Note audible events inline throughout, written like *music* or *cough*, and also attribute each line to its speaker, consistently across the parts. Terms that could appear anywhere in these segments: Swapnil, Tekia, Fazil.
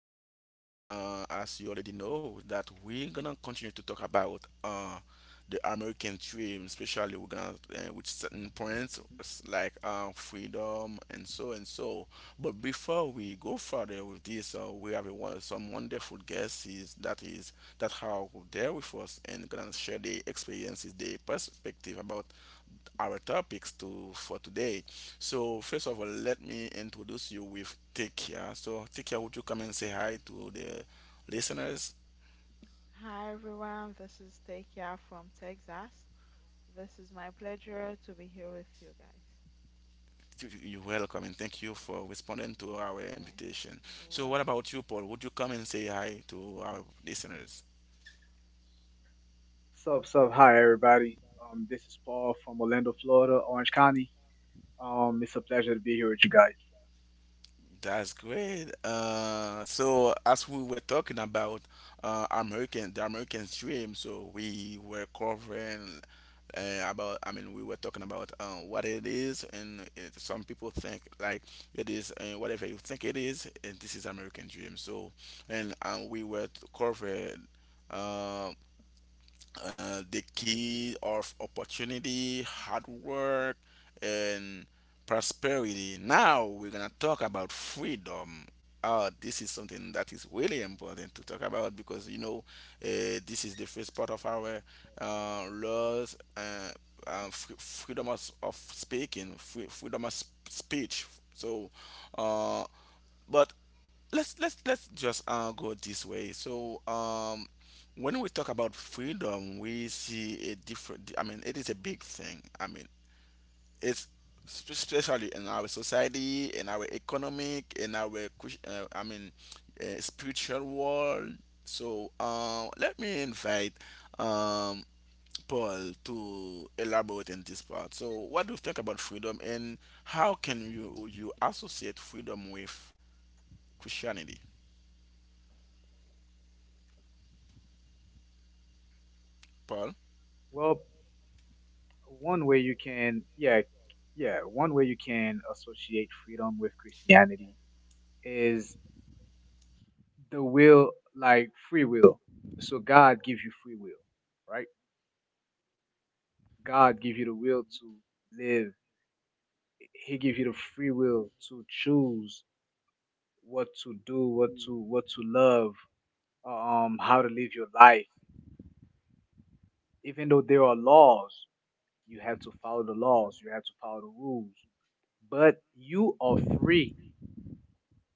Speaker 1: podcast. As you already know, that we're gonna continue to talk about the American dream, especially we're gonna with certain points like freedom and so and so. But before we go further with this, we have some wonderful guests is that are there with us and gonna share their experiences, their perspective about our topics to for today. So first of all, let me introduce you with Tekia. So Tekia, would you come and say hi to the listeners?
Speaker 2: Hi everyone, this is Tekia from Texas. This is my pleasure to be here with you guys.
Speaker 1: You're welcome and thank you for responding to our
Speaker 2: Okay,
Speaker 1: invitation.
Speaker 2: you're
Speaker 1: So what
Speaker 2: welcome.
Speaker 1: about you, Paul? Would you come and say hi to our listeners?
Speaker 3: Sup, sup, hi everybody. This is Paul from Orlando, Florida, Orange County. It's a pleasure to be here with you guys.
Speaker 1: That's great. So as we were talking about the American dream, so we were covering about. I mean, we were talking about what it is, and it, some people think like it is whatever you think it is, and this is American dream. So, and we were covering. uh, the key of opportunity, hard work, and prosperity. Now we're gonna talk about freedom. This is something that is really important to talk about because you know this is the first part of our laws, freedom of speaking, freedom of speech. So uh, but let's just go this way. When we talk about freedom, we see a different. I mean, it is a big thing. I mean, it's especially in our society, in our economic, in our I mean, spiritual world. So let me invite um, Paul to elaborate in this part. So what do you think about freedom, and how can you associate freedom with Christianity? Paul,
Speaker 3: Well, one way you can, yeah, yeah, one way you can associate freedom with Christianity is the will, like free will. So God gives you free will, right? God gives you the will to live. He gives you the free will to choose what to do,
Speaker 2: Mm.
Speaker 3: what to love, how to live your life even though there are laws, you have to follow the laws, you have to follow the rules, but you are free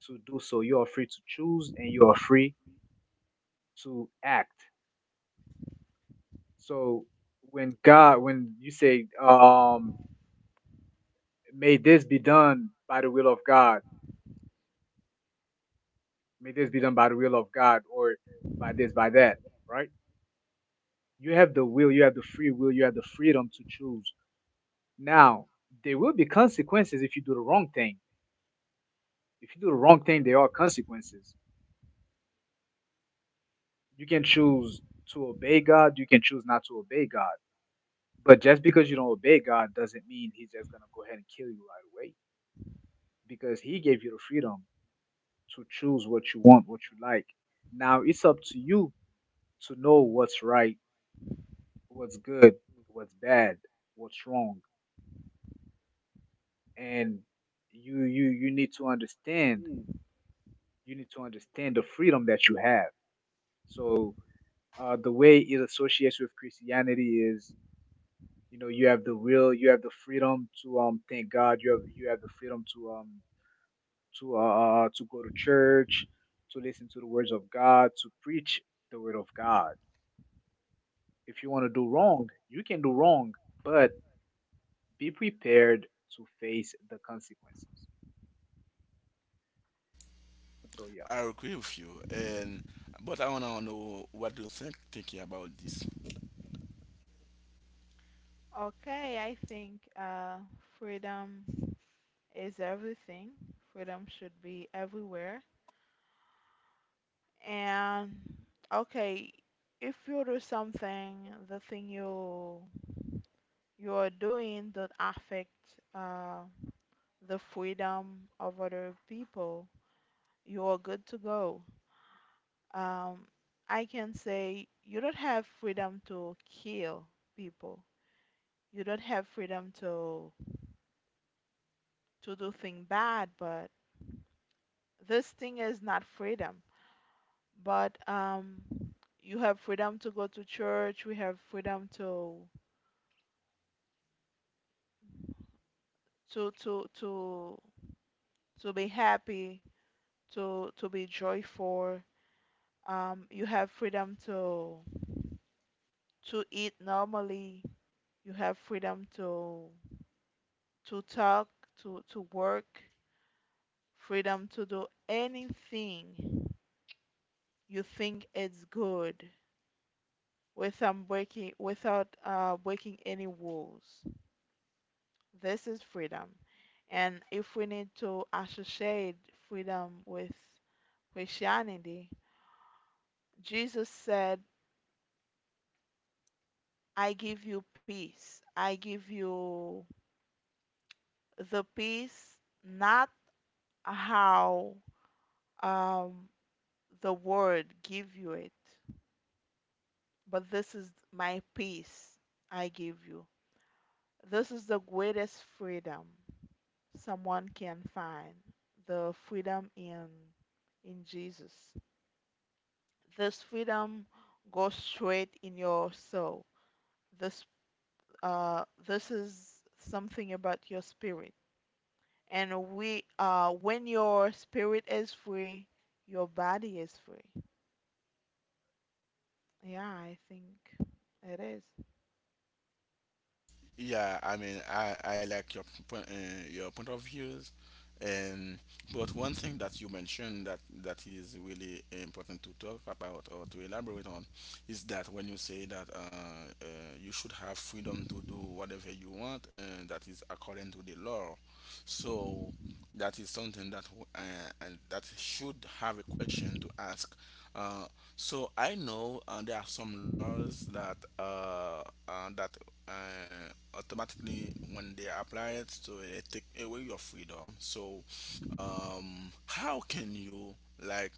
Speaker 3: to do so. You are free to choose and you are free to act. So when God, when you say, may this be done by the will of God, may this be done by the will of God or by this, by that, right? You have the will, you have the free will, you have the freedom to choose. Now, there will be consequences if you do the wrong thing. If you do the wrong thing, there are consequences you can choose to obey God, you can choose not to obey God. But just because you don't obey God doesn't mean He's just going to go ahead and kill you right away because He gave you the freedom to choose what you want, what you like. Now it's up to you to know what's right, what's good, what's bad, what's wrong. And you need to understand
Speaker 2: Mm.
Speaker 3: you need to understand the freedom that you have. So the way it associates with Christianity is, you know, you have the will, you have the freedom to thank God. You have the freedom to go to church, to listen to the words of God, to preach the word of God. If you want to do wrong, you can do wrong, but be prepared to face the consequences. So yeah.
Speaker 1: I agree with you, and but I wanna know what do you think thinking about this.
Speaker 2: Okay, I think freedom is everything. Freedom should be everywhere. And okay, if you do something, the thing you are doing that affect uh, the freedom of other people, you are good to go. um, I can say you don't have freedom to kill people. You don't have freedom to do thing bad, but this thing is not freedom. But you have freedom to go to church. We have freedom to to to to be happy, to be joyful. You have freedom to eat normally. You have freedom to talk, to work freedom to do anything you think is good without breaking without breaking any rules. This is freedom, and if we need to associate freedom with Christianity, Jesus said, "I give you peace. I give you the peace, not how um, the world give you it, but this is my peace I give you." This is the greatest freedom someone can find, the freedom in Jesus. This freedom goes straight in your soul. This this is something about your spirit. And we when your spirit is free, your body is free. Yeah, I think it is.
Speaker 1: Yeah, I mean, I like your point of views, and but one thing that you mentioned that is really important to talk about or to elaborate on is that when you say that you should have freedom to do whatever you want, and that is according to the law. So that is something that and that should have a question to ask. Uh, So I know there are some laws that uh, automatically when they apply it, so it take away your freedom. So how can you like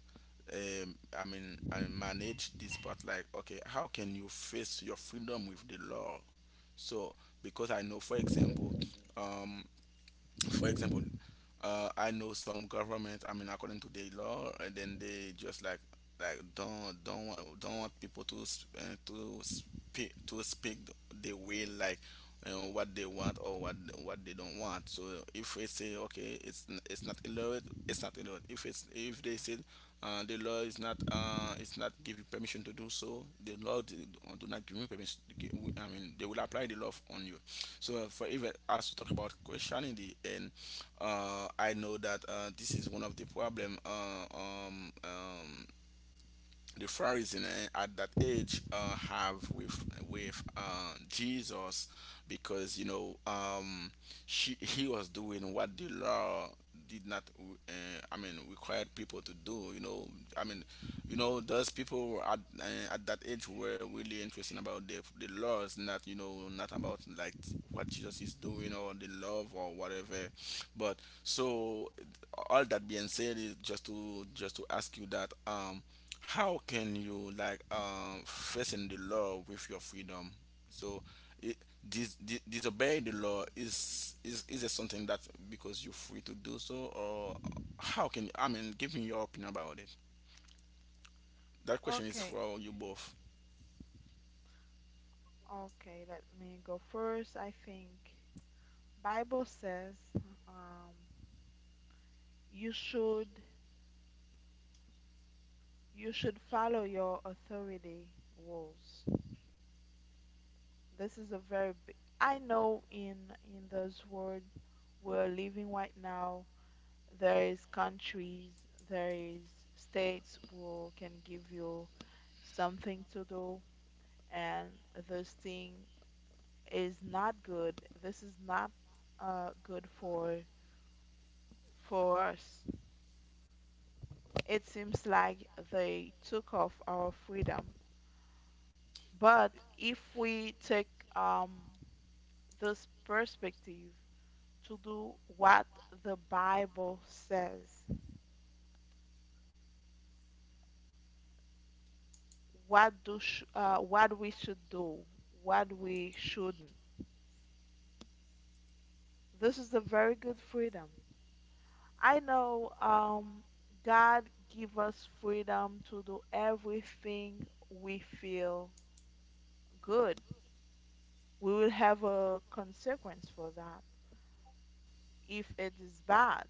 Speaker 1: I mean I manage this part? Like okay, how can you face your freedom with the law? So because I know, for example, um, for example. I know some government. I mean, according to their law, and then they just like don't want people to to speak the way like you what they want or what they don't want. So if they say okay, it's not allowed, it's not allowed. If they said the law is not it's not giving permission to do so, do not give you permission. I mean, they will apply the law on you. So for even as we talk about Christianity and I know that this is one of the problem the Pharisees at that age have with Jesus because you know he was doing what the law did not I mean required people to do, you know, I mean, you know, those people at that age were really interested about the laws, not, you know, not about like what Jesus is doing or the love or whatever, but so all that being said is just to ask you that um, how can you like um, facing the law with your freedom, so it, disobey the law, is it something that because you're free to do so, or how can you, I mean give me your opinion about it. That question is
Speaker 2: Okay.
Speaker 1: for you both.
Speaker 2: Okay, let me go first. I think Bible says, um, you should you should follow your authority rules. This is a very big, I know in this world we're living right now, there is countries, there is states who can give you something to do, and this thing is not good. This is not good for us. It seems like they took off our freedom. But if we take um, this perspective to do what the Bible says, what we should do, what we shouldn't, this is a very good freedom. I know God give us freedom to do everything we feel good. We will have a consequence for that if it is bad.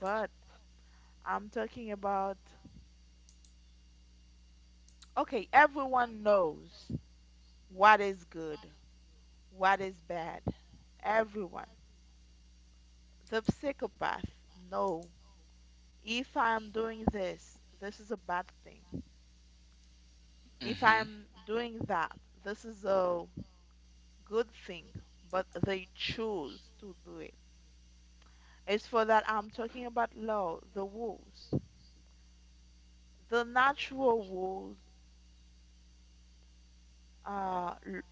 Speaker 2: But I'm talking about okay, everyone knows what is good, what is bad. Everyone. The psychopath know if I'm doing this, this is a bad thing. If
Speaker 1: Hmm.
Speaker 2: I'm doing that, this is a good thing, but they choose to do it. It's for that I'm talking about law, the rules. The natural rules uh, l-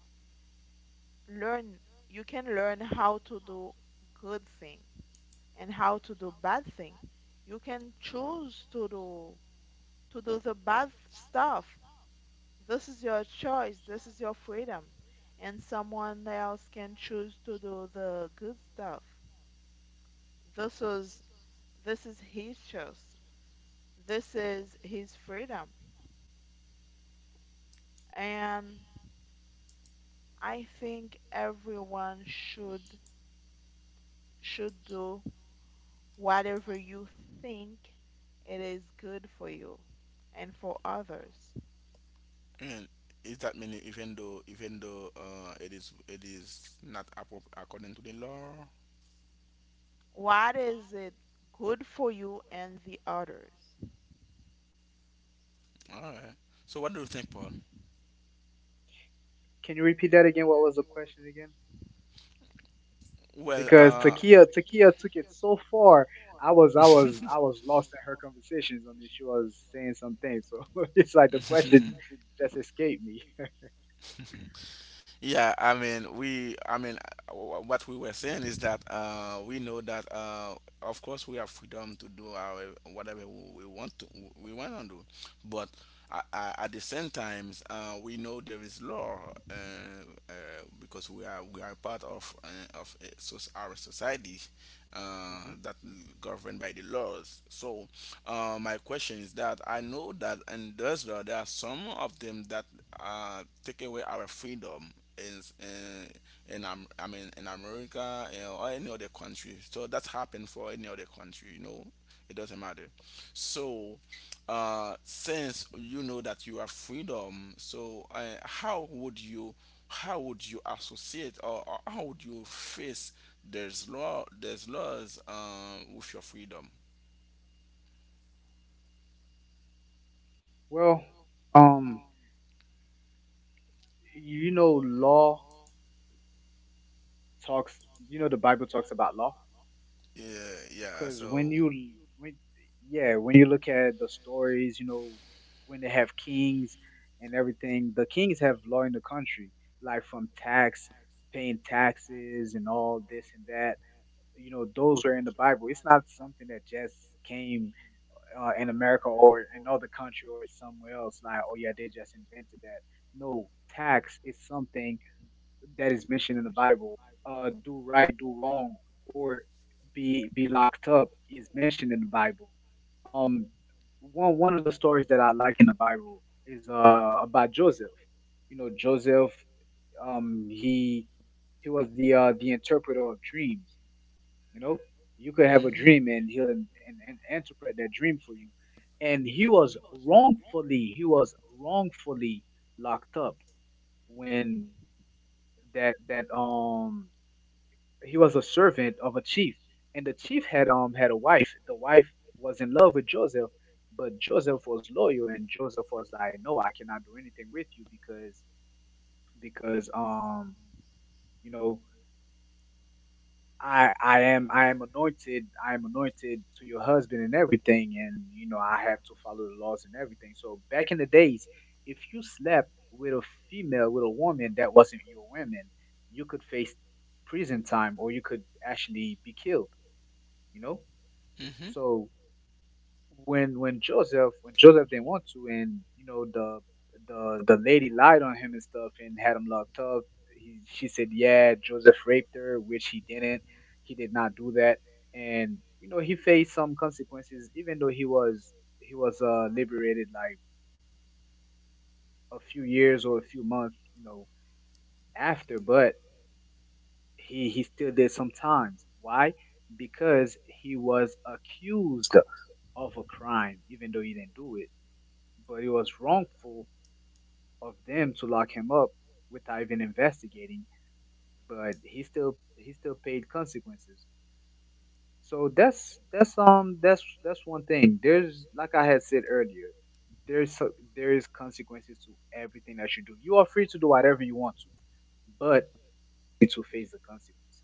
Speaker 2: learn you can learn how to do good thing and how to do bad thing. You can choose to do the bad stuff. This is your choice. This is your freedom. And someone else can choose to do the good stuff. This is this is his choice. This is his freedom. And I think everyone should do whatever you think it is good for you and for others.
Speaker 1: And is that mean, even though it is, it is not according to the law?
Speaker 2: What is it good for you and the others?
Speaker 1: All right, so what do you think, Paul?
Speaker 3: Can you repeat that again? What was the question again?
Speaker 1: Well,
Speaker 3: Because Takia took it so far. I was lost in her conversations. I mean, she was saying some things, so *laughs* it's like the question just escaped me.
Speaker 1: *laughs* yeah, I mean, I mean, what we were saying is that we know that of course we have freedom to do our whatever we want to do, but at the same times we know there is law uh, because we are part of a so our society
Speaker 3: Hmm.
Speaker 1: that governed by the laws. So my question is that I know that in those laws there are some of them that take away our freedom in in in I mean in America, you know, or any other country. So that's happened for any other country. You know, it doesn't matter. So since you know that you are freedom, so how would you associate, or how would you face there's laws with your freedom?
Speaker 3: Well, um, you know, law talks. You know, the Bible talks about law.
Speaker 1: Yeah, yeah.
Speaker 3: Because
Speaker 1: So.
Speaker 3: when, yeah, when you look at the stories, you know, when they have kings and everything, the kings have law in the country, like from tax, paying taxes and all this and that. You know, those are in the Bible. It's not something that just came in America or in other country or somewhere else. Like, oh yeah, they just invented that. No, tax is something that is mentioned in the Bible, do right, do wrong, or be locked up is mentioned in the Bible. Um, one of the stories that I like in the Bible is about Joseph. You know, Joseph, um, he he was the interpreter of dreams. You know, you could have a
Speaker 1: Hmm.
Speaker 3: dream and he'll and interpret that dream for you. And he was wrongfully locked up when that that he was a servant of a chief, and the chief had had a wife. The wife was in love with Joseph, but Joseph was loyal, and Joseph was like, "No, I cannot do anything with you because because um you know I am anointed to your husband and everything, and you know I have to follow the laws and everything." So back in the days, if you slept with a female with a woman that wasn't your woman, you could face prison time or you could actually be killed, you know.
Speaker 1: Hmm.
Speaker 3: So when Joseph, when Joseph didn't want to, and you know the the lady lied on him and stuff and had him locked up. She said, "Yeah, Joseph raped her," which he didn't. He did not do that, and you know he faced some consequences, even though he was liberated like a few years or a few months, you know, after. But he still did sometimes. Why? Because he was accused of a crime, even though he didn't do it. But it was wrongful of them to lock him up without even investigating. But he still paid consequences. So that's that's one thing. There's, like I had said earlier, there is consequences to everything that you do. You are free to do whatever you want to, but it will face the consequences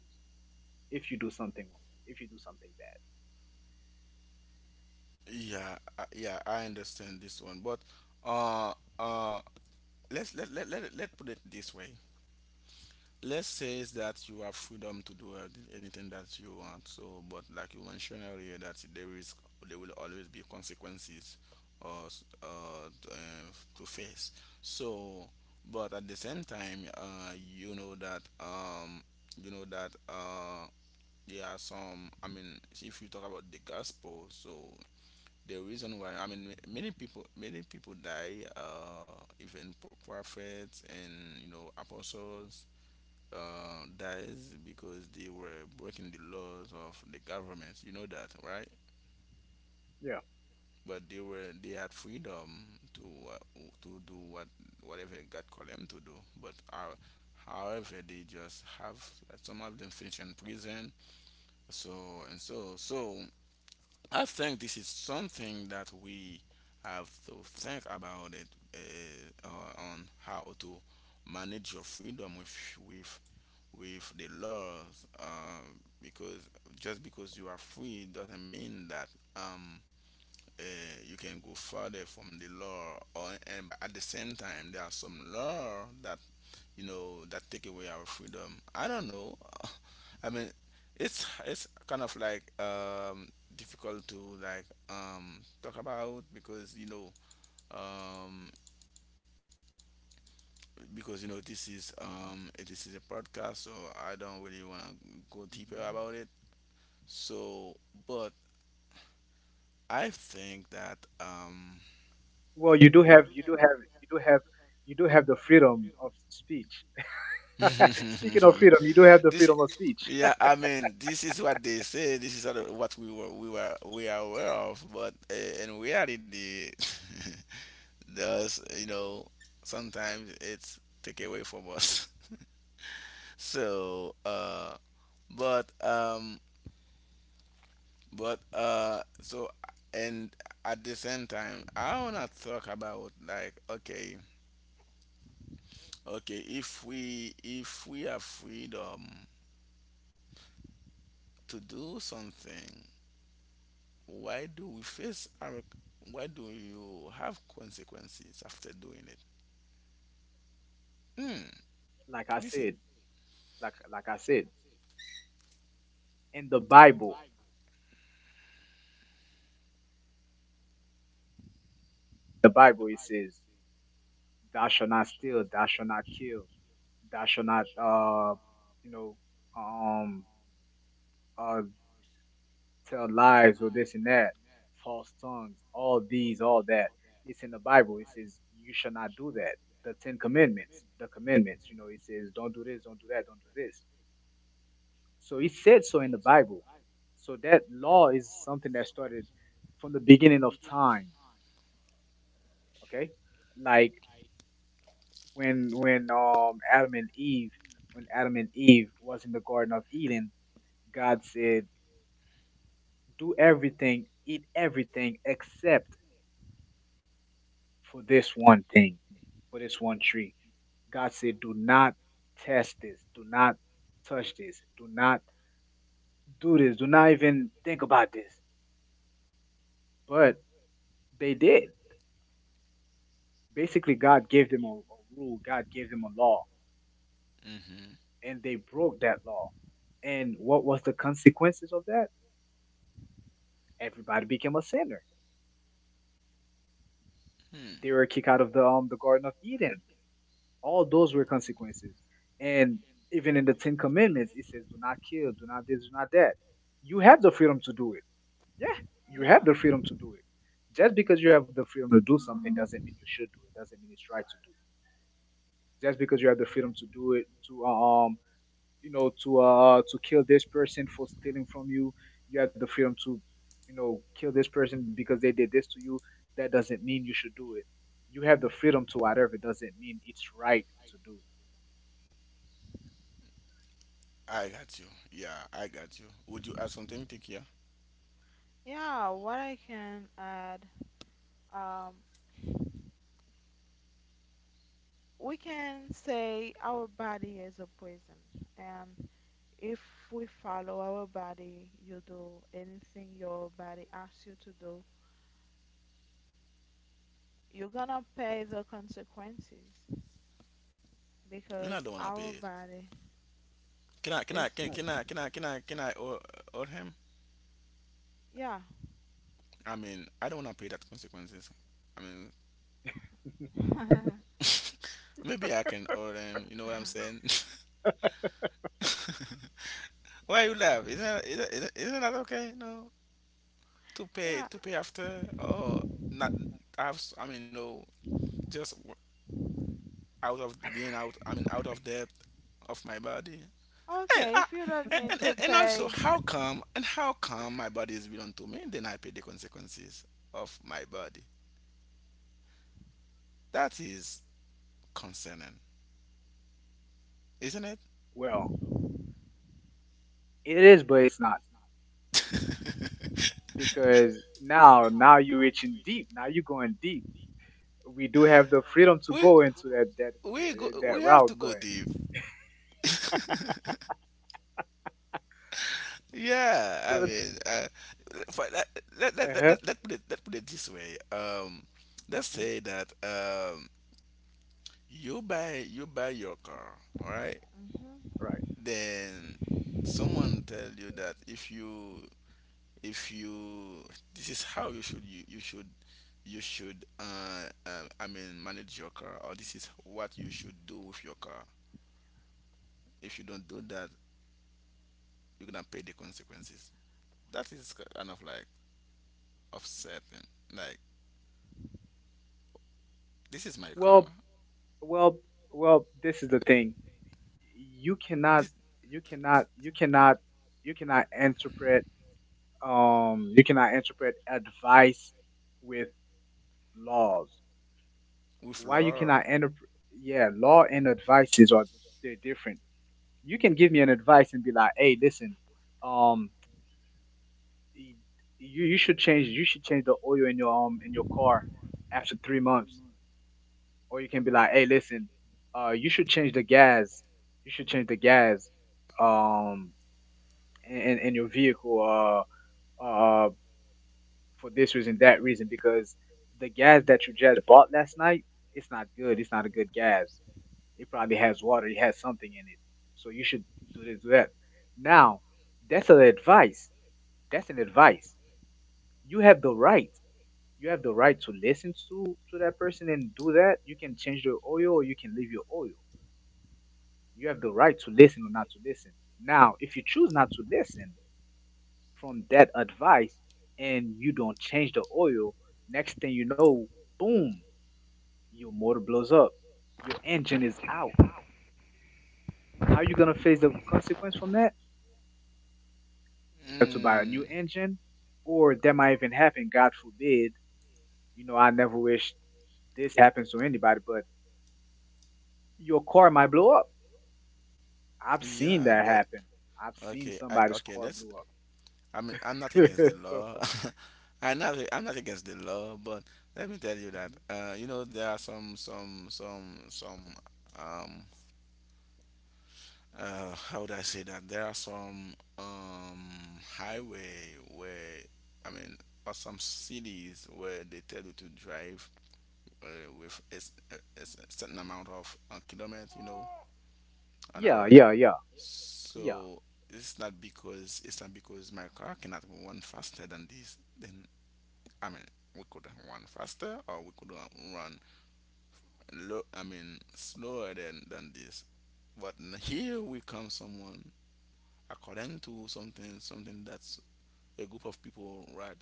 Speaker 3: if you do something wrong, if you do something bad.
Speaker 1: Yeah, yeah, I understand this one, but uh, uh, let's let let let, it- let put it this way. Let's say is that you have freedom to do anything that you want. So, but like you mentioned earlier, that there is there will always be consequences or s- uh, t- uh, to face. So, but at the same time, you know that there are some. I mean, if you talk about the gospel, so the reason why, I mean, many people, many people die, even prophets and you know apostles dies because they were breaking the laws of the government, you know that, right?
Speaker 3: Yeah.
Speaker 1: But they were, they had freedom to to do what whatever God called them to do, but our however they just have some of them finish in prison. So and so, so I think this is something that we have to think about it, on how to manage your freedom with with with the laws, because just because you are free doesn't mean that um, uh, you can go further from the law or, and but at the same time there are some law that you know that take away our freedom. I don't know. *laughs* I mean, it's kind of like difficult to like talk about because you know um, this is a
Speaker 3: Hmm.
Speaker 1: podcast, so I don't really want to go deeper about
Speaker 3: Hmm.
Speaker 1: it. So, but I think that
Speaker 3: Well, you do have you do have you do have you do have the freedom of speech. *laughs*
Speaker 1: *laughs*
Speaker 3: Speaking of freedom, you do have the
Speaker 1: this,
Speaker 3: freedom of speech.
Speaker 1: yeah, I mean, this is what they say, this is what we were we were we are aware of, but in reality *laughs* does, you know, sometimes it's take away from us. *laughs* So but um but so and at the same time I wanna talk about like okay, okay, if we, if we have freedom to do something, why do we face our, why do you have consequences after doing it? Hmm.
Speaker 3: Like I
Speaker 1: This is
Speaker 3: said, like like I said, in the Bible it says, "Thou shalt not steal, thou shalt not kill, thou shalt not, you know, um, uh." Tell lies or this and that, false tongues, all these, all that. It's in the Bible. It says you shall not do that. The Ten Commandments, the commandments, you know, it says don't do this, don't do that, don't do this. So it said so in the Bible. So that law is something that started from the beginning of time. Okay, like when Adam and Eve, when Adam and Eve was in the Garden of Eden, God said, "Do everything, eat everything except" for this one thing, for this one tree. God said, do not test this. Do not touch this. Do not do this. Do not even think about this. But they did. Basically, God gave them a rule. God gave them a law,
Speaker 1: mm-hmm,
Speaker 3: and they broke that law. And what was the consequences of that? Everybody became a sinner.
Speaker 1: hmm.
Speaker 3: They were kicked out of the Garden of Eden. All those were
Speaker 2: hmm.
Speaker 3: consequences. And even in the Ten Commandments, it says, "Do not kill, do not this, do not that." You have the freedom to do it. Yeah, you have
Speaker 2: Yeah.
Speaker 3: the freedom to do it. Just because you have the freedom to do something doesn't mean you should do it. Doesn't mean it's right to do it. Just because you have the freedom to do it, to you know, to kill this person for stealing from you, you have the freedom to, you know, kill this person because they did this to you. That doesn't mean you should do it. You have the freedom to whatever. Doesn't mean it's right to do.
Speaker 1: I got you. Yeah, I got you. Would you add something, Tikia?
Speaker 2: Yeah, what I can add, um, we can say our body is a prison, and if we follow our body, you do anything your body asks you to do, you're gonna pay the consequences
Speaker 1: And I
Speaker 2: because
Speaker 1: don't wanna pay
Speaker 2: our
Speaker 1: it.
Speaker 2: body
Speaker 1: Can I? Can I?
Speaker 2: is,
Speaker 1: Can I? Can I? Can I? Can I? Or him?
Speaker 2: yeah,
Speaker 1: I mean, I don't wanna pay that consequences. I mean,
Speaker 3: *laughs*
Speaker 2: *laughs*
Speaker 1: *laughs* maybe I can owe him. You know what I'm saying? *laughs* Why you laugh? Isn't that okay? No,
Speaker 2: yeah,
Speaker 1: to pay after or not? I mean, you know, just w- out of being out. I mean, out of debt of my body. And,
Speaker 2: okay, if you don't need to
Speaker 1: and also,
Speaker 2: pay.
Speaker 1: how come and how come my body is belong to me? Then I pay the consequences of my body. That is concerning, isn't it?
Speaker 3: Well, it is, but it's not
Speaker 1: *laughs*
Speaker 2: *laughs*
Speaker 3: because now you're reaching deep. Now you're going deep. We do have the freedom to
Speaker 1: we
Speaker 3: go into that
Speaker 1: we go,
Speaker 3: that
Speaker 1: we have to
Speaker 3: route,
Speaker 1: go deep. *laughs* Yeah, I
Speaker 3: but
Speaker 1: mean, for, let,
Speaker 3: uh-huh.
Speaker 1: let put it this way. Let's
Speaker 3: Hmm.
Speaker 1: say that you buy your car, all right?
Speaker 2: Mm-hmm.
Speaker 3: Right.
Speaker 1: Then someone tell you that if you, if you, this is how you should, you should, you should I mean manage your car, or this is what you should do with your car. If you don't do that, you're gonna pay the consequences. That is kind of like upsetting, like this is my car.
Speaker 3: Well, well, This is the thing. You cannot,
Speaker 1: this,
Speaker 3: you cannot,
Speaker 1: this
Speaker 3: you cannot, you cannot interpret. You cannot interpret advice with laws.
Speaker 1: with
Speaker 3: Why you
Speaker 1: law.
Speaker 3: cannot interpret? Yeah, law and advices are they're different. You can give me an advice and be like, "Hey, listen, um, y- you you should change the oil in your car after 3 months." Or you can be like, "Hey, listen, you should change the gas. You should change the gas, um, in your vehicle, uh, uh, for this reason, that reason, because the gas that you just bought last night, it's not good. It's not a good gas. It probably has water. It has something in it. So you should do this, do that." Now, that's an advice. That's an advice. You have the right. You have the right to listen to that person and do that. You can change your oil or you can leave your oil. You have the right to listen or not to listen. Now, if you choose not to listen from that advice and you don't change the oil, next thing you know, boom, your motor blows up. Your engine is out. How are you gonna face the consequence from that? Have to buy a new
Speaker 1: Mm,
Speaker 3: engine, or that might even happen. God forbid. You know, I never wish this happens to anybody, but your car might blow up. I've seen
Speaker 1: yeah,
Speaker 3: that
Speaker 1: but
Speaker 3: happen. I've seen
Speaker 1: okay, I,
Speaker 3: somebody's
Speaker 1: okay,
Speaker 3: car
Speaker 1: let's,
Speaker 3: blew up.
Speaker 1: I mean, I'm not against the
Speaker 3: *laughs* So,
Speaker 1: law. *laughs* I'm not. I'm not against the law, but let me tell you that
Speaker 3: mhm.
Speaker 1: there are some um how would I say that there are some highway where I mean or some cities where they tell you to drive with a certain amount of kilometers, an
Speaker 3: Yeah,
Speaker 1: hour.
Speaker 3: yeah, yeah, yeah.
Speaker 1: So it's not because my car cannot run faster than this. I mean, we could run faster, or we could run low. I mean, slower than this. But here we come someone according to something that's a group of people, right,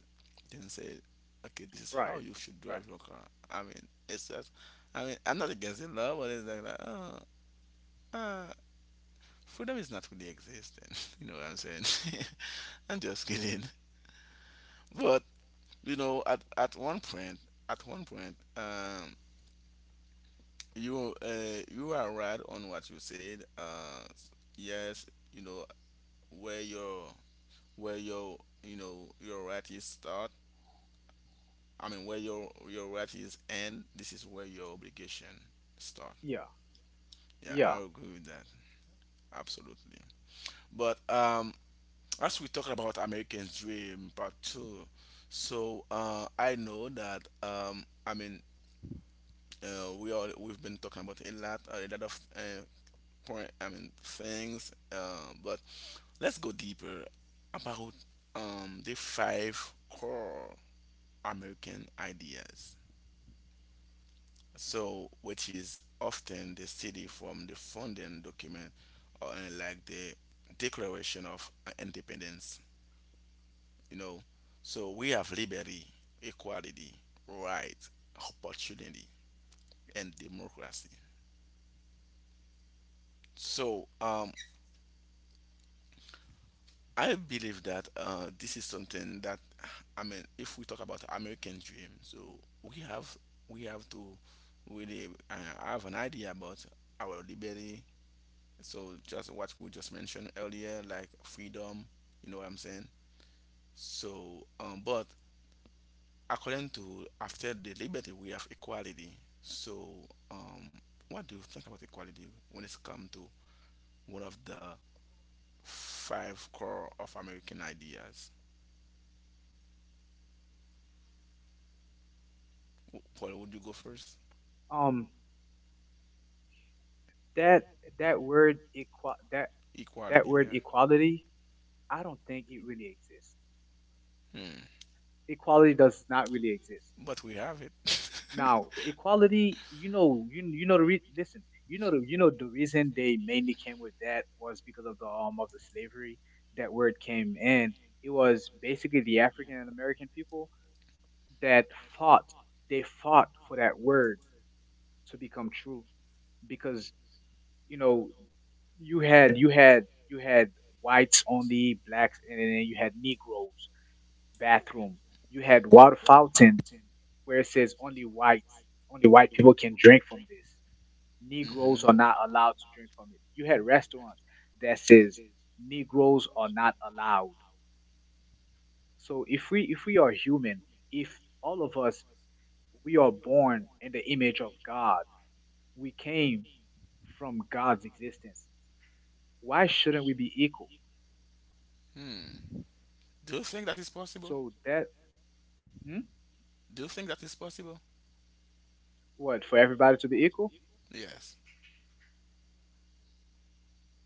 Speaker 1: then say, okay, this is how you
Speaker 3: Right,
Speaker 1: should drive your
Speaker 3: right.
Speaker 1: car. I mean, it's just, I mean, I'm not against it, law, but it's like, that, oh, uh, freedom is not really existing. *laughs* You know what I'm saying? *laughs* I'm just kidding. But at one point, at one point, you you are right on what you said. Yes, you know where your where your you know your right is start. I mean, where your right is end. This is where your obligation start.
Speaker 3: Yeah,
Speaker 1: Yeah, I agree
Speaker 3: yeah.
Speaker 1: with that absolutely. But as we talk about American Dream Part Two, so I know that we all we've been talking about a lot of point. I mean, things, but let's go deeper about the five core American ideas. So, which is often the city from the founding document, or like the Declaration of Independence, you know. So, we have liberty, equality, right, opportunity, and democracy. So, I believe that this is something that, I mean, if we talk about American dream, so we have we have to really have an idea about our liberty. So, just what we just mentioned earlier, like freedom, you know what I'm saying. So, but according to, after the liberty, we have equality. So, um, what do you think about equality when it's come to one of the five core of American ideas? Paul, would you go
Speaker 3: Um,
Speaker 1: first?
Speaker 3: that that that word
Speaker 1: Equality. Yeah.
Speaker 3: equality. I don't think it really exists.
Speaker 1: Hmm.
Speaker 3: Equality does not really exist.
Speaker 1: But we have it.
Speaker 3: Now,
Speaker 1: *laughs*
Speaker 3: equality, you know, you know the listen, you know the reason they mainly came with that was because of the slavery that word came in. It was basically the African and American people that fought. They fought for that word to become true because you know you had whites only, blacks, and then you had Negroes bathroom. You had water fountain, where it says only whites, only white people can drink from this. Negroes
Speaker 1: Hmm.
Speaker 3: are not allowed to drink from it. You had restaurants that says Negroes are not allowed. So if we are human, if all of us we are born in the image of God, we came from God's existence. Why shouldn't we be equal?
Speaker 1: Hmm. Do you think that is possible?
Speaker 3: So that, hmm?
Speaker 1: Do you think that is possible?
Speaker 3: What, for everybody to be equal?
Speaker 1: Yes.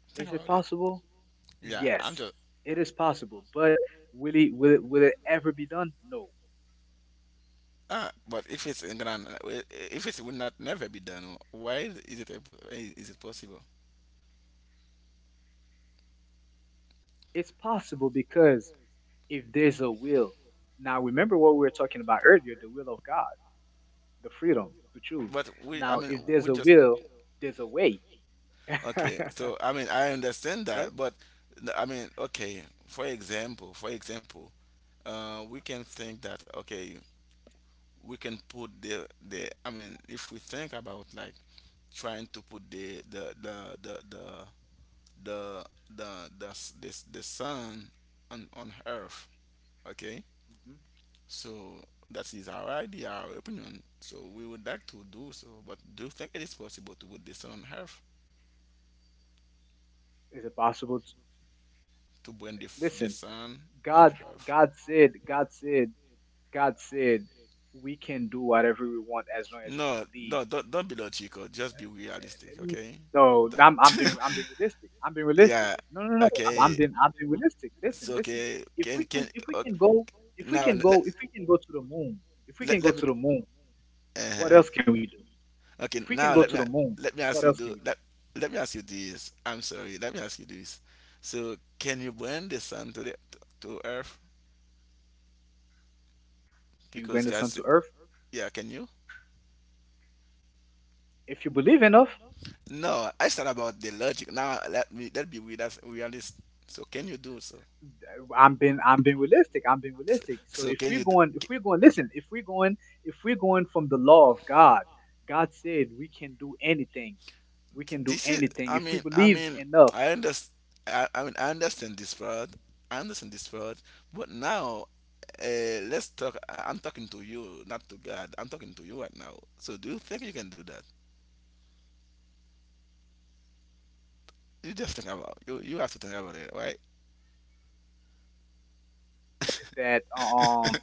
Speaker 1: Think
Speaker 3: Is
Speaker 1: about
Speaker 3: it
Speaker 1: it.
Speaker 3: possible?
Speaker 1: Yeah, I'm
Speaker 3: Yes,
Speaker 1: just.
Speaker 3: it is possible. But will it ever be done? No.
Speaker 1: Ah, but if it's in Ghana, if it will not never be done, why is it, is it possible?
Speaker 3: It's possible because if there's a will, now remember what we were talking about earlier, the will of God, the freedom to choose.
Speaker 1: But we, I
Speaker 3: Now,
Speaker 1: mean,
Speaker 3: if there's
Speaker 1: we
Speaker 3: a
Speaker 1: just
Speaker 3: will, there's a way, *laughs* right?
Speaker 1: Okay. So, I mean, I understand that, but I mean, okay. For example, we can think that, okay, we can put the I mean if we think about like trying to put the the, s- the, s- the sun on earth, okay,
Speaker 3: Mhm.
Speaker 1: so that is our idea, our opinion, so we would like to do so, but do you think it is possible to put the sun on earth,
Speaker 3: Is it possible to
Speaker 1: to bring the,
Speaker 3: listen?
Speaker 1: the sun
Speaker 3: God,
Speaker 1: on earth?
Speaker 3: God said, God said, God said, we can do whatever we want as long as we
Speaker 1: No,
Speaker 3: believe.
Speaker 1: no, don't, don't be logical, just be realistic,
Speaker 3: Mm,
Speaker 1: okay.
Speaker 3: No,
Speaker 1: Don't-
Speaker 3: I'm being realistic. I'm being
Speaker 1: *laughs*
Speaker 3: realistic.
Speaker 1: yeah.
Speaker 3: No, no, no. I'm, I'm
Speaker 1: Okay.
Speaker 3: being I'm being realistic. Listen,
Speaker 1: so
Speaker 3: listen.
Speaker 1: okay
Speaker 3: If we can
Speaker 1: can
Speaker 3: if we can go if we
Speaker 1: Now
Speaker 3: can go
Speaker 1: let,
Speaker 3: if we can go to the moon, if we can go
Speaker 1: let me.
Speaker 3: to the moon what
Speaker 1: Uh-huh.
Speaker 3: else can we do? If
Speaker 1: Okay.
Speaker 3: we can go
Speaker 1: Now
Speaker 3: to the moon,
Speaker 1: let me
Speaker 3: what
Speaker 1: ask you
Speaker 3: else can
Speaker 1: do
Speaker 3: we do?
Speaker 1: let let me ask you this. I'm sorry. Let me ask you this. So, can you bring the sun to the to Earth?
Speaker 3: Can we bring the
Speaker 1: Because
Speaker 3: sun to
Speaker 1: God said,
Speaker 3: Earth?
Speaker 1: yeah, can you?
Speaker 3: If you believe enough,
Speaker 1: No, I said about the logic. Now let me let be with us realist. So, can you do so?
Speaker 3: I'm being realistic. I'm being realistic. So
Speaker 1: So, can you?
Speaker 3: if we're going listen if we're going from the law of God, God said we can do anything. We can do
Speaker 1: This is
Speaker 3: anything
Speaker 1: I
Speaker 3: if we
Speaker 1: mean I
Speaker 3: believe
Speaker 1: mean
Speaker 3: enough
Speaker 1: i understand I understand this part, i understand this part but now, let's talk. I'm talking to you, not to God, I'm talking to you right now. So, do you think you can do that? You just think about, you have to think about it, right?
Speaker 3: that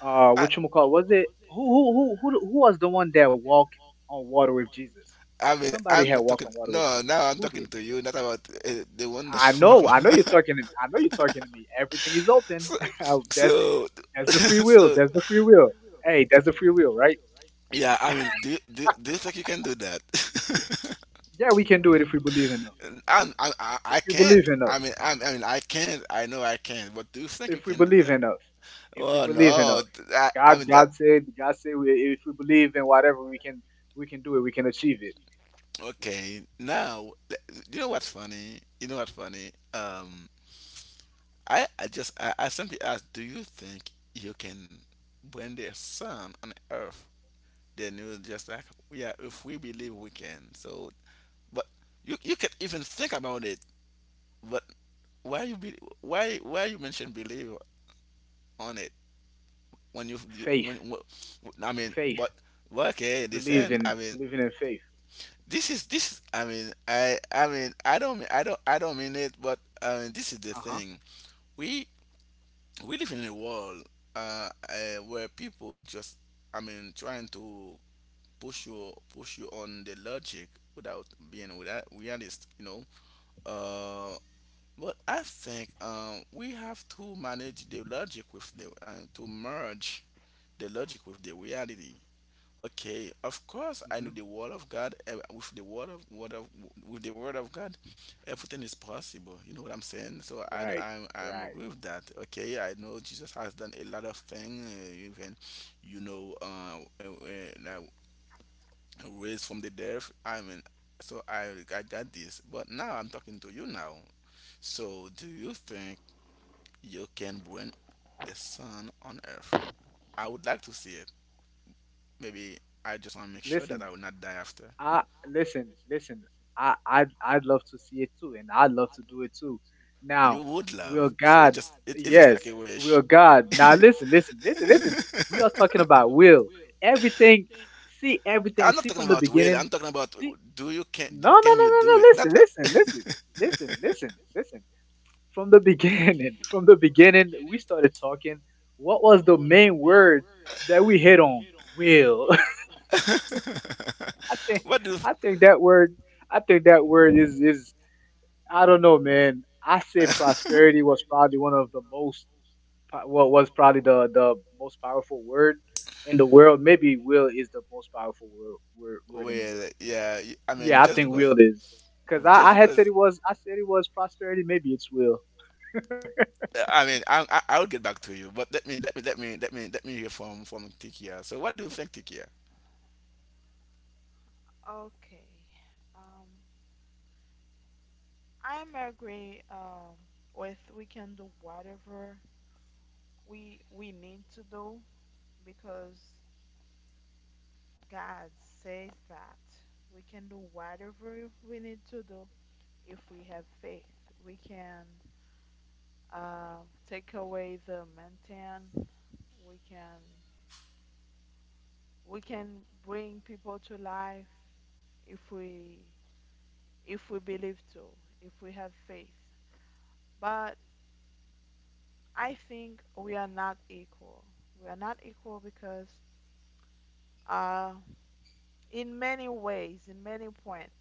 Speaker 1: i
Speaker 3: what you call was it Who was the one that walked on water with Jesus?
Speaker 1: i mean
Speaker 3: Somebody had
Speaker 1: i'm not
Speaker 3: walked
Speaker 1: talking,
Speaker 3: on water with
Speaker 1: no
Speaker 3: Jesus.
Speaker 1: now I'm
Speaker 3: Who
Speaker 1: talking
Speaker 3: did?
Speaker 1: to you, not about, the one that *laughs* work on.
Speaker 3: I know you're talking I know you're talking to me. Everything is
Speaker 1: *laughs*
Speaker 3: open.
Speaker 1: So,
Speaker 3: *laughs* that's
Speaker 1: so
Speaker 3: that's
Speaker 1: *laughs*
Speaker 3: the free will.
Speaker 1: so,
Speaker 3: That's the free will. Hey, that's the free will, right?
Speaker 1: yeah, I mean, do you think you can do that?
Speaker 3: Yeah, we can do it if we believe enough.
Speaker 1: *laughs* I'm,
Speaker 3: If
Speaker 1: I
Speaker 3: we
Speaker 1: can't.
Speaker 3: believe enough.
Speaker 1: I mean, I mean, I can't. I know I can't. But do you think you
Speaker 3: If we
Speaker 1: can do
Speaker 3: believe
Speaker 1: that?
Speaker 3: enough. If we
Speaker 1: Oh
Speaker 3: believe
Speaker 1: no!
Speaker 3: enough.
Speaker 1: I
Speaker 3: God,
Speaker 1: mean that.
Speaker 3: God said, God said, if we believe in whatever, we can do it. We can achieve it.
Speaker 1: Okay, you know what's funny. You know what's funny. I simply asked, do you think you can bring the sun on Earth? Then you was just like, yeah, if we believe we can. So, but you can even think about it. But why you be why you mention believe on it when you,
Speaker 3: Faith,
Speaker 1: I mean,
Speaker 3: faith.
Speaker 1: but okay,
Speaker 3: Believe
Speaker 1: listen, I
Speaker 3: in
Speaker 1: mean,
Speaker 3: believing in faith.
Speaker 1: I mean, I don't mean it, but I mean, this is the
Speaker 3: Uh huh.
Speaker 1: thing, we we live in a world, uh, where people just, I mean, trying to push you on the logic without being, without realist, you know, uh but I think, we have to manage the logic with the to merge the logic with the reality. Okay, of course
Speaker 3: Hmm.
Speaker 1: I know the word of God, eh, with the word of with the word of God, everything is possible. You know what I'm saying? So
Speaker 3: Right.
Speaker 1: I'm
Speaker 3: Right.
Speaker 1: agree with that. Okay, I know Jesus has done a lot of things, even you know, like, raised from the dead. I mean, so I got this. But now I'm talking to you now. So, do you think you can bring the sun on earth? I would like to see it. Maybe I just want to make sure that
Speaker 3: Listen.
Speaker 1: I will not die after.
Speaker 3: I listen. Listen. I'd love to see it too, and I'd love to do it too.
Speaker 1: You
Speaker 3: Now,
Speaker 1: would
Speaker 3: will
Speaker 1: love. So, it
Speaker 3: God?
Speaker 1: just it's just like
Speaker 3: Yes,
Speaker 1: a
Speaker 3: will
Speaker 1: wish.
Speaker 3: God?
Speaker 1: *laughs*
Speaker 3: Now, listen. Listen. Listen. Listen. We are talking about will. Everything. See everything.
Speaker 1: I'm
Speaker 3: See
Speaker 1: not
Speaker 3: from
Speaker 1: talking
Speaker 3: the
Speaker 1: about will.
Speaker 3: beginning.
Speaker 1: I'm talking about,
Speaker 3: See.
Speaker 1: do you
Speaker 3: No. No. No.
Speaker 1: can you
Speaker 3: No.
Speaker 1: do
Speaker 3: No.
Speaker 1: it? Not.
Speaker 3: Listen. Listen. Listen. Listen. Listen. Listen. From the beginning. *laughs* From the beginning, we started talking. What was the main word that we hit on? Will. *laughs* I
Speaker 1: *laughs*
Speaker 3: think
Speaker 1: What do?
Speaker 3: I think that word is I don't know, man. I said
Speaker 1: *laughs*
Speaker 3: prosperity was probably one of the most, well, was probably the most powerful word in the world. Maybe will is the most powerful word in the
Speaker 1: Well,
Speaker 3: world.
Speaker 1: yeah. I mean,
Speaker 3: Yeah, I
Speaker 1: just
Speaker 3: think
Speaker 1: because,
Speaker 3: will is because
Speaker 1: just
Speaker 3: I had said
Speaker 1: because
Speaker 3: it was. I said it was prosperity. Maybe it's will.
Speaker 1: I mean, I'll get back to you, but let me hear from Tikia. So, what do you think, Tikia?
Speaker 2: Okay. Um, I'm agree with we can do whatever we need to do because God says that we can do whatever we need to do if we have faith. We can uh, take away the mountain. We can we can bring people to life if we if we believe to, if we have faith. But I think we are not equal. We are not equal because, uh, in many ways, in many points,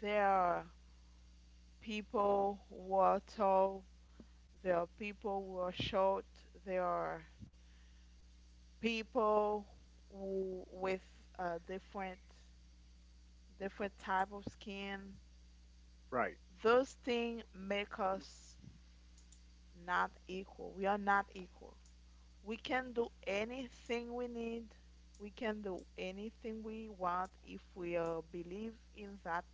Speaker 2: there are people who are tall, there are people who are short, there are people who with uh, different different type of skin.
Speaker 3: Right,
Speaker 2: Those things make us not equal. We are not equal. We can do anything we need. We can do anything we want if we believe in that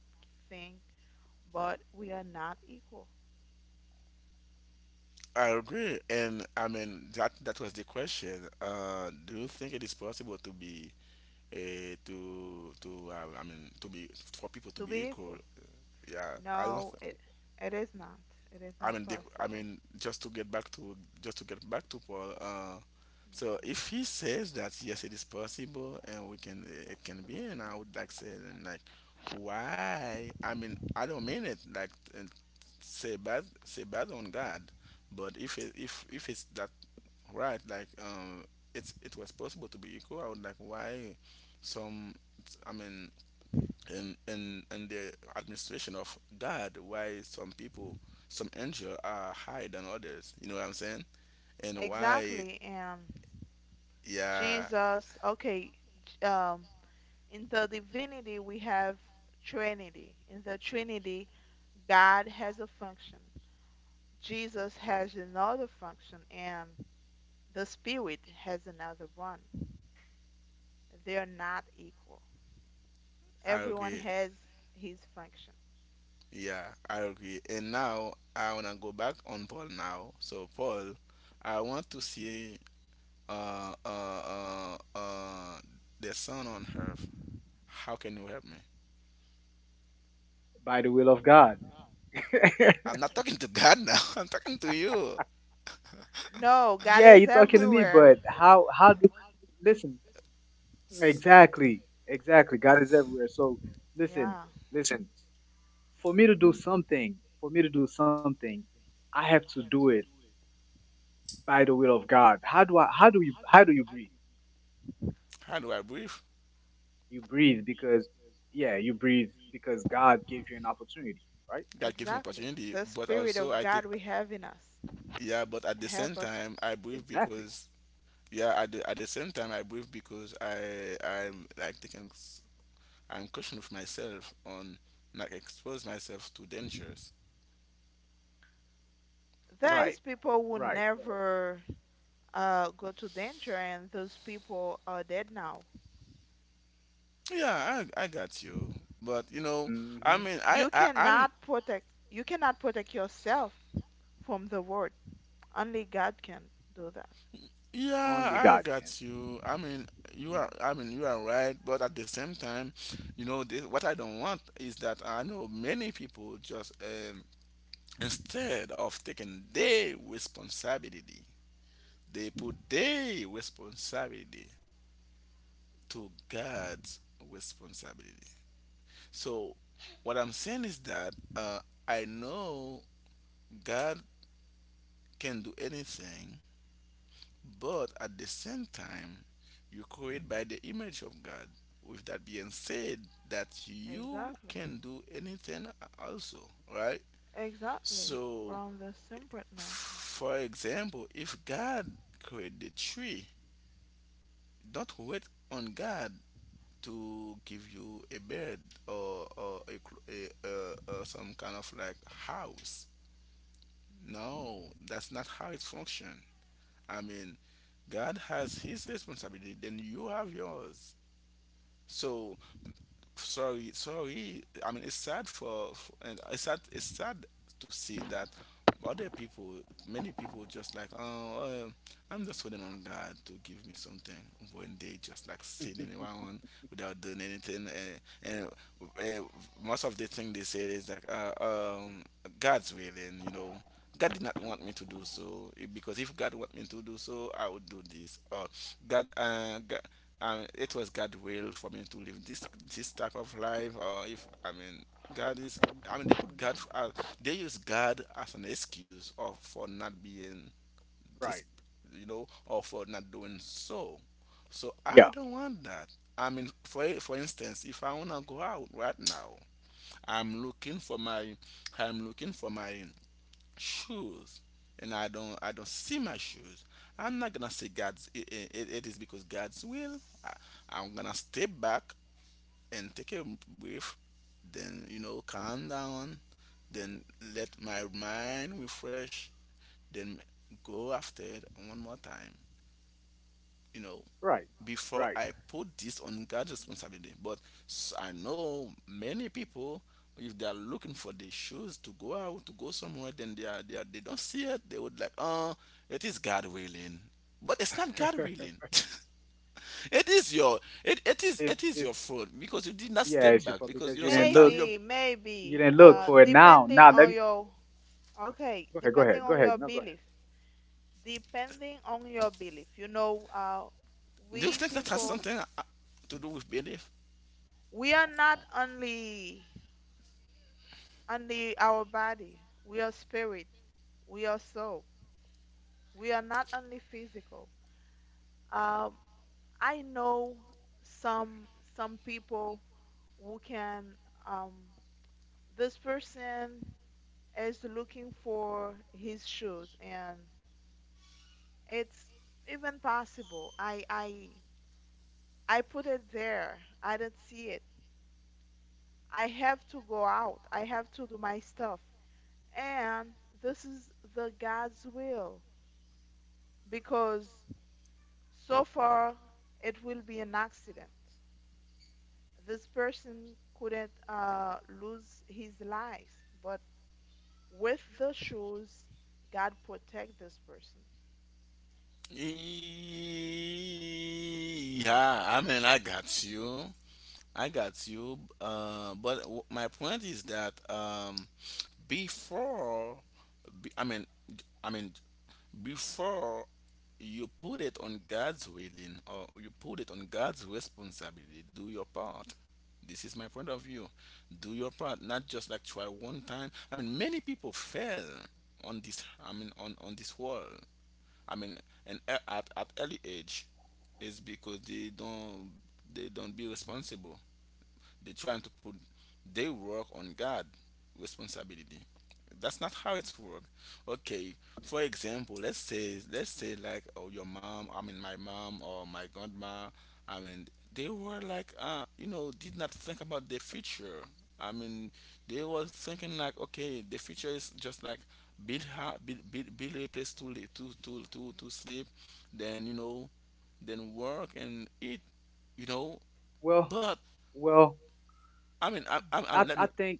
Speaker 2: thing, but we are not equal.
Speaker 1: I agree, and I mean, that that was the question. Do you think it is possible to be to I mean, to be for people to
Speaker 2: To
Speaker 1: be
Speaker 2: be
Speaker 1: equal?
Speaker 2: equal.
Speaker 1: Yeah, I don't.
Speaker 2: No, it is not. It is not
Speaker 1: I
Speaker 2: possible.
Speaker 1: mean, just to get back to, just to get back to Paul. So,
Speaker 2: Mm-hmm.
Speaker 1: if he says that yes, it is possible and we can, it can be, and I would like say then, like, why? I mean, I don't mean it like, and say bad, on God, but if it's that right, like, it's it was possible to be equal. I would like why some, I mean, in the administration of God, why some people, some angel are higher than others, you know what I'm saying, and why.
Speaker 2: Exactly. And
Speaker 1: Yeah,
Speaker 2: Jesus, okay, um, in the divinity, we have Trinity. In the Trinity, God has a function, Jesus has another function, and the spirit has another one. They're not equal.
Speaker 1: I
Speaker 2: Everyone
Speaker 1: agree.
Speaker 2: has his function.
Speaker 1: Yeah, I agree, and now I wanna go back on Paul now. So, Paul, I want to see uh uh uh, uh the sun on earth. How can you help me?
Speaker 3: by the will of God.
Speaker 1: I'm
Speaker 3: *laughs*
Speaker 1: not talking to God now. *laughs* I'm talking to you.
Speaker 2: No,
Speaker 3: Yeah, you're
Speaker 2: God is
Speaker 3: talking to me, but
Speaker 2: everywhere.
Speaker 3: how do listen? Exactly, exactly. God is everywhere. So listen,
Speaker 2: Yeah,
Speaker 3: listen. For me to do something, for me to do something, I have to do it by the will of God. How do I? How do you? How do you breathe?
Speaker 1: How do I breathe?
Speaker 3: You breathe because yeah, you breathe because God gave you an opportunity, right?
Speaker 1: God gives me
Speaker 2: exactly.
Speaker 1: opportunity,
Speaker 2: The
Speaker 1: but
Speaker 2: spirit
Speaker 1: also
Speaker 2: of
Speaker 1: I take.
Speaker 2: God we have in us
Speaker 1: Yeah, but at the same
Speaker 2: help us.
Speaker 1: time I breathe
Speaker 3: Exactly.
Speaker 1: because, yeah, at the same time I breathe because I'm like taking I'm caution with myself on not expose myself to dangers.
Speaker 2: There is
Speaker 3: Right.
Speaker 2: people who
Speaker 3: Right.
Speaker 2: never go to danger, and those people are dead now.
Speaker 1: Yeah, I got you, but you know, I mean,
Speaker 3: hmm
Speaker 2: You
Speaker 1: I mean,
Speaker 2: cannot protect. You cannot protect yourself from the world. Only God can do that.
Speaker 1: yeah, I
Speaker 3: Only
Speaker 1: got
Speaker 3: God can.
Speaker 1: you. I mean, you are, I mean, you are right, but at the same time, you know this, what I don't want is that, I know many people just, instead of taking their responsibility, they put their responsibility to God's responsibility. So, what I'm saying is that, I know God can do anything, but at the same time, you create by the image of God. With that being said, that you
Speaker 2: Exactly.
Speaker 1: can do anything also, right?
Speaker 2: Exactly. We're
Speaker 1: So,
Speaker 2: on the same point now.
Speaker 1: f- for example, if God created the tree, don't wait on God to give you a bed or a, a some kind of like house. No, that's not how it functions. I mean, God has His responsibility, then you have yours. So, sorry, I mean, it's sad for, and it's sad, it's sad to see that other people, many people just like, oh, I'm just waiting on God to give me something when they just like sitting
Speaker 3: *laughs*
Speaker 1: around without doing anything. And, uh, most of the thing they say is like, uh, God's willing, you know, God did not want me to do so, eh, because if God want me to do so, I would do this. Or God, God, I it was God's will for me to live this, this type of life, or if, I mean, God is. I mean, they put God. As, they use God as an excuse or for not being this,
Speaker 3: Right.
Speaker 1: you know, or for not doing so. So I
Speaker 3: Yeah.
Speaker 1: don't want that. I mean, for instance, if I wanna go out right now, I'm looking for my, I'm looking for my shoes, and I don't see my shoes. I'm not gonna say it is because God's will. I, I'm gonna step back and take a breath, then calm down, then let my mind refresh, then go after it one more time, you know
Speaker 3: Right.
Speaker 1: before
Speaker 3: Right.
Speaker 1: I put this on God's responsibility. But I know many people, if they are looking for the shoes to go out, to go somewhere, then they don't see it. They would like, oh, it is God willing, but it's not God
Speaker 3: *laughs*
Speaker 1: willing. *laughs* it is your it, it is it is
Speaker 3: It's
Speaker 1: your fault because you did not
Speaker 3: Yeah,
Speaker 1: step
Speaker 3: it's your
Speaker 1: back
Speaker 3: fault
Speaker 1: because
Speaker 3: because you didn't
Speaker 1: sometimes
Speaker 3: look.
Speaker 1: you
Speaker 2: Maybe,
Speaker 3: You
Speaker 2: maybe,
Speaker 3: didn't look for it now. Now let me
Speaker 2: okay,
Speaker 3: go ahead. Go ahead. Go ahead. No, go ahead.
Speaker 2: depending on your belief, you know,
Speaker 1: do You
Speaker 2: we
Speaker 1: think that has
Speaker 2: people,
Speaker 1: something to do with belief?
Speaker 2: we are not only, only our body, we are spirit, we are soul, we are not only physical. Um, I know some, some people who can, um, this person is looking for his shoes and it's even possible. I I put it there. I didn't see it. I have to go out. I have to do my stuff. And this is the God's will because so far it will be an accident. This person couldn't lose his life, but with the shoes, God protect this person.
Speaker 1: Yeah, I mean, I got you. I got you. But my point is that before, be- I mean, I mean, before you put it on God's willing or you put it on God's responsibility, do your part. This is my point of view. Do your part, not just like try one time. I mean, many people fail on this. I mean, on this world. I mean, and at early age, is because they don't be responsible. They're trying to put their work on God responsibility. That's not how it's work. Okay, for example, let's say like, oh, your mom, I mean my mom or my grandma, I mean they were like did not think about the future. I mean they were thinking like, okay, the future is just like build ha- build, build build a place to li- to sleep, then, then work and eat, you know
Speaker 3: Well,
Speaker 1: but
Speaker 3: well,
Speaker 1: I mean, I let
Speaker 3: I
Speaker 1: me.
Speaker 3: think.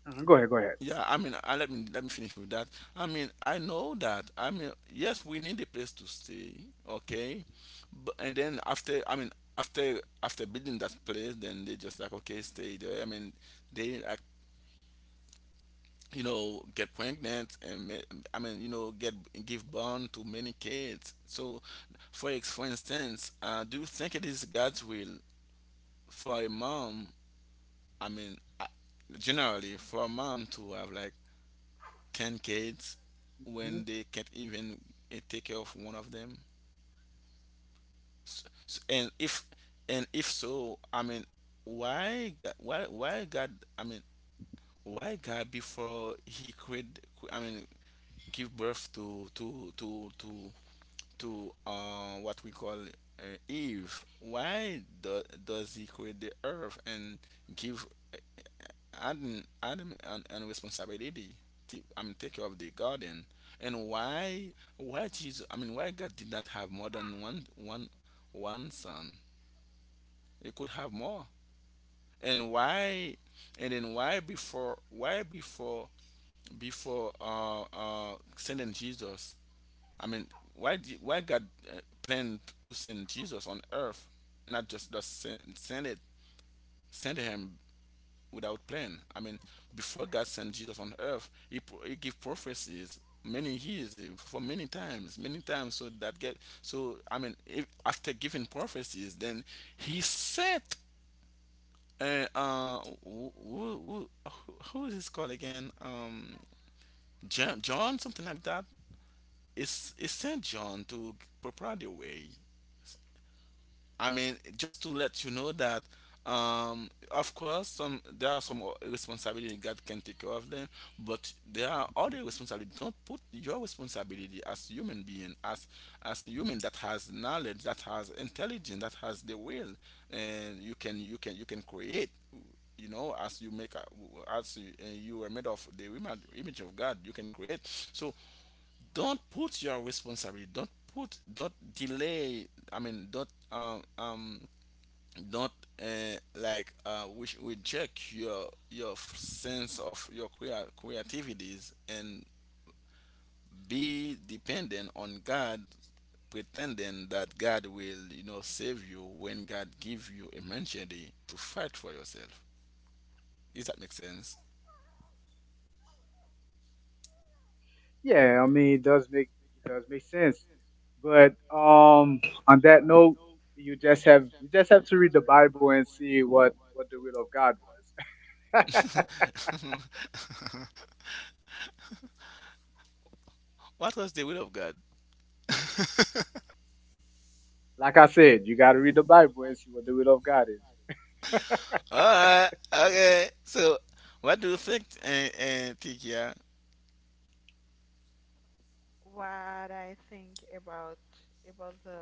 Speaker 3: Go ahead. Go ahead.
Speaker 1: Yeah, I mean, I let me finish with that. I mean, I know that. I mean, yes, we need a place to stay, okay, but and then after, I mean, after building that place, then they just like, okay, stay there. I mean, they like get pregnant and I mean get give born to many kids. So, for instance, do you think it is God's will for a mom? I mean, generally for a mom to have like 10 kids when
Speaker 3: hmm
Speaker 1: they can't even take care of one of them? S- s- and if and if so, I mean, why God? Why God? I mean, why God before He create? I mean, give birth to what we call, Eve. Why does He create the earth and give Adam, and an responsibility to, I mean, take care of the garden. And why Jesus, I mean, why God did not have more than one son? He could have more. And why and then why before before sending Jesus? I mean, why God planned to send Jesus on earth, not just send him without plan. I mean, before God sent Jesus on earth, he gave prophecies many years, for many times, many times. So that get so, I mean, if, after giving prophecies, then he sent, uh, uh who, who, who, who is this called again? John, something like that. It's Saint John, to prepare the way. I mean, just to let you know that, of course, some there are some o- responsibility God can take care of them, but there are other responsibility. Don't put your responsibility as human being, as human that has knowledge, that has intelligence, that has the will, and you can create. You know, as you make, a- as you, you are made of the image of God, you can create. So don't put your responsibility don't put don't delay, I mean don't like which reject your sense of your creativities, and be dependent on God, pretending that God will save you when God give you a mentality to fight for yourself. Does that make sense?
Speaker 3: Yeah, I mean, it does make sense. But on that note, you just have to read the Bible and see what the will of God was.
Speaker 1: *laughs* What was the will of God? *laughs*
Speaker 3: *laughs* Like I said, you got to read the Bible and see what the will of God is.
Speaker 1: All right. Okay. So, what do you think, Tikia? Yeah,
Speaker 2: What I think about the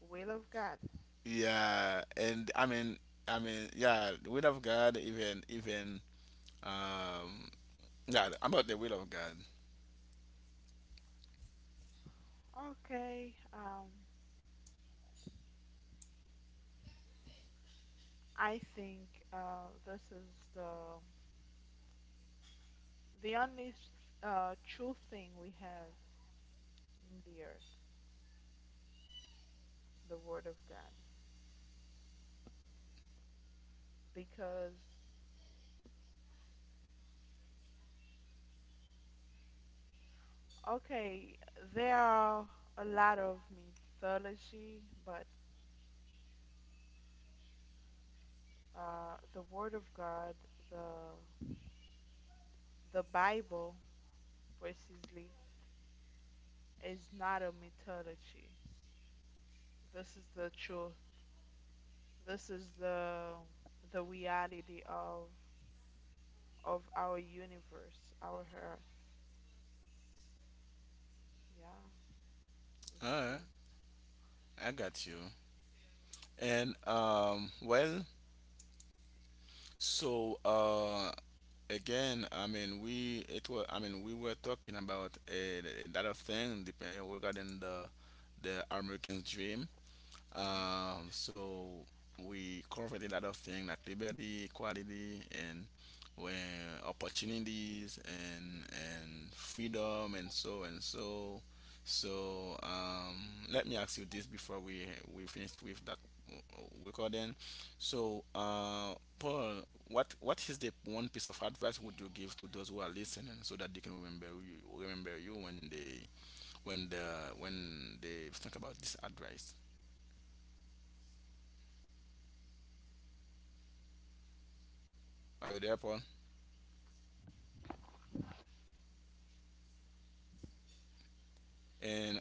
Speaker 2: will of God.
Speaker 1: Yeah, and I mean, yeah, the will of God, even, um, yeah, about the will of God.
Speaker 2: Okay, I think this is the the only true thing we have in the earth, the Word of God. Because okay, there are a lot of mythology, but the Word of God, the the Bible, precisely, is not a mythology. This is the truth. This is the reality of our universe, our earth. Yeah, this
Speaker 1: All
Speaker 2: is all.
Speaker 1: right, I got you. And well, so again, I mean, I mean, we were talking about a lot of things depending regarding the American dream. So, we covered a lot of things like liberty, equality, and where
Speaker 2: hmm.
Speaker 1: opportunities and freedom and so and so. So let me ask you this before we finish with that recording. So Paul, what is the one piece of advice would you give to those who are listening so that they can remember you when they think about this advice? Are you there, Paul? And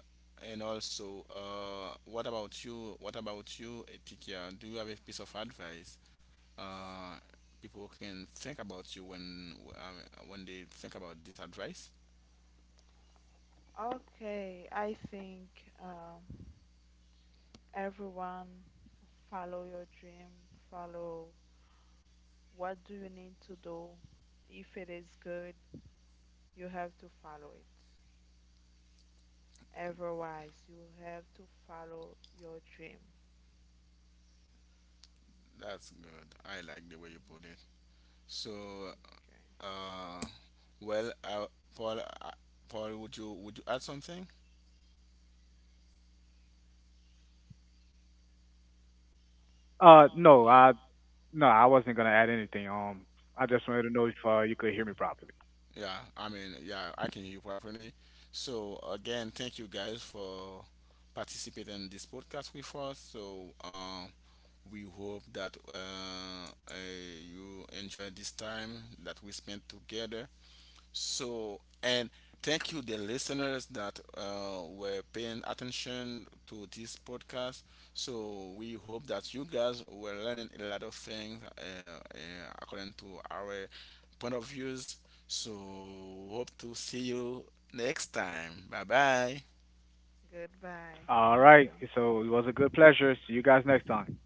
Speaker 1: and also, what about you? What about you, Etikia? Do you have a piece of advice uh, people can think about you when they think about this advice?
Speaker 2: Okay, I think um, everyone follow your dream, follow what do you need to do. If it is good, you have to follow it. Otherwise, you have to follow your dream.
Speaker 1: That's good. I like the way you
Speaker 2: Mhm.
Speaker 1: put it. So,
Speaker 2: Okay.
Speaker 1: uh, well, Paul, uh, Paul, would you add something?
Speaker 3: Uh, no, I no, I wasn't gonna add anything. I just wanted to know if you could hear me properly.
Speaker 1: Yeah, I mean, yeah, I can hear you properly. So again, thank you guys for participating in this podcast with us. We hope that you enjoy this time that we spent together. So, and thank you, the listeners that were paying attention to this podcast. So, we hope that you guys were learning a lot of things, according to our point of views. So, hope to see you next time. Bye bye.
Speaker 2: Goodbye.
Speaker 3: All
Speaker 2: Thank
Speaker 3: right.
Speaker 2: you.
Speaker 3: So it was a good pleasure. See you guys next time.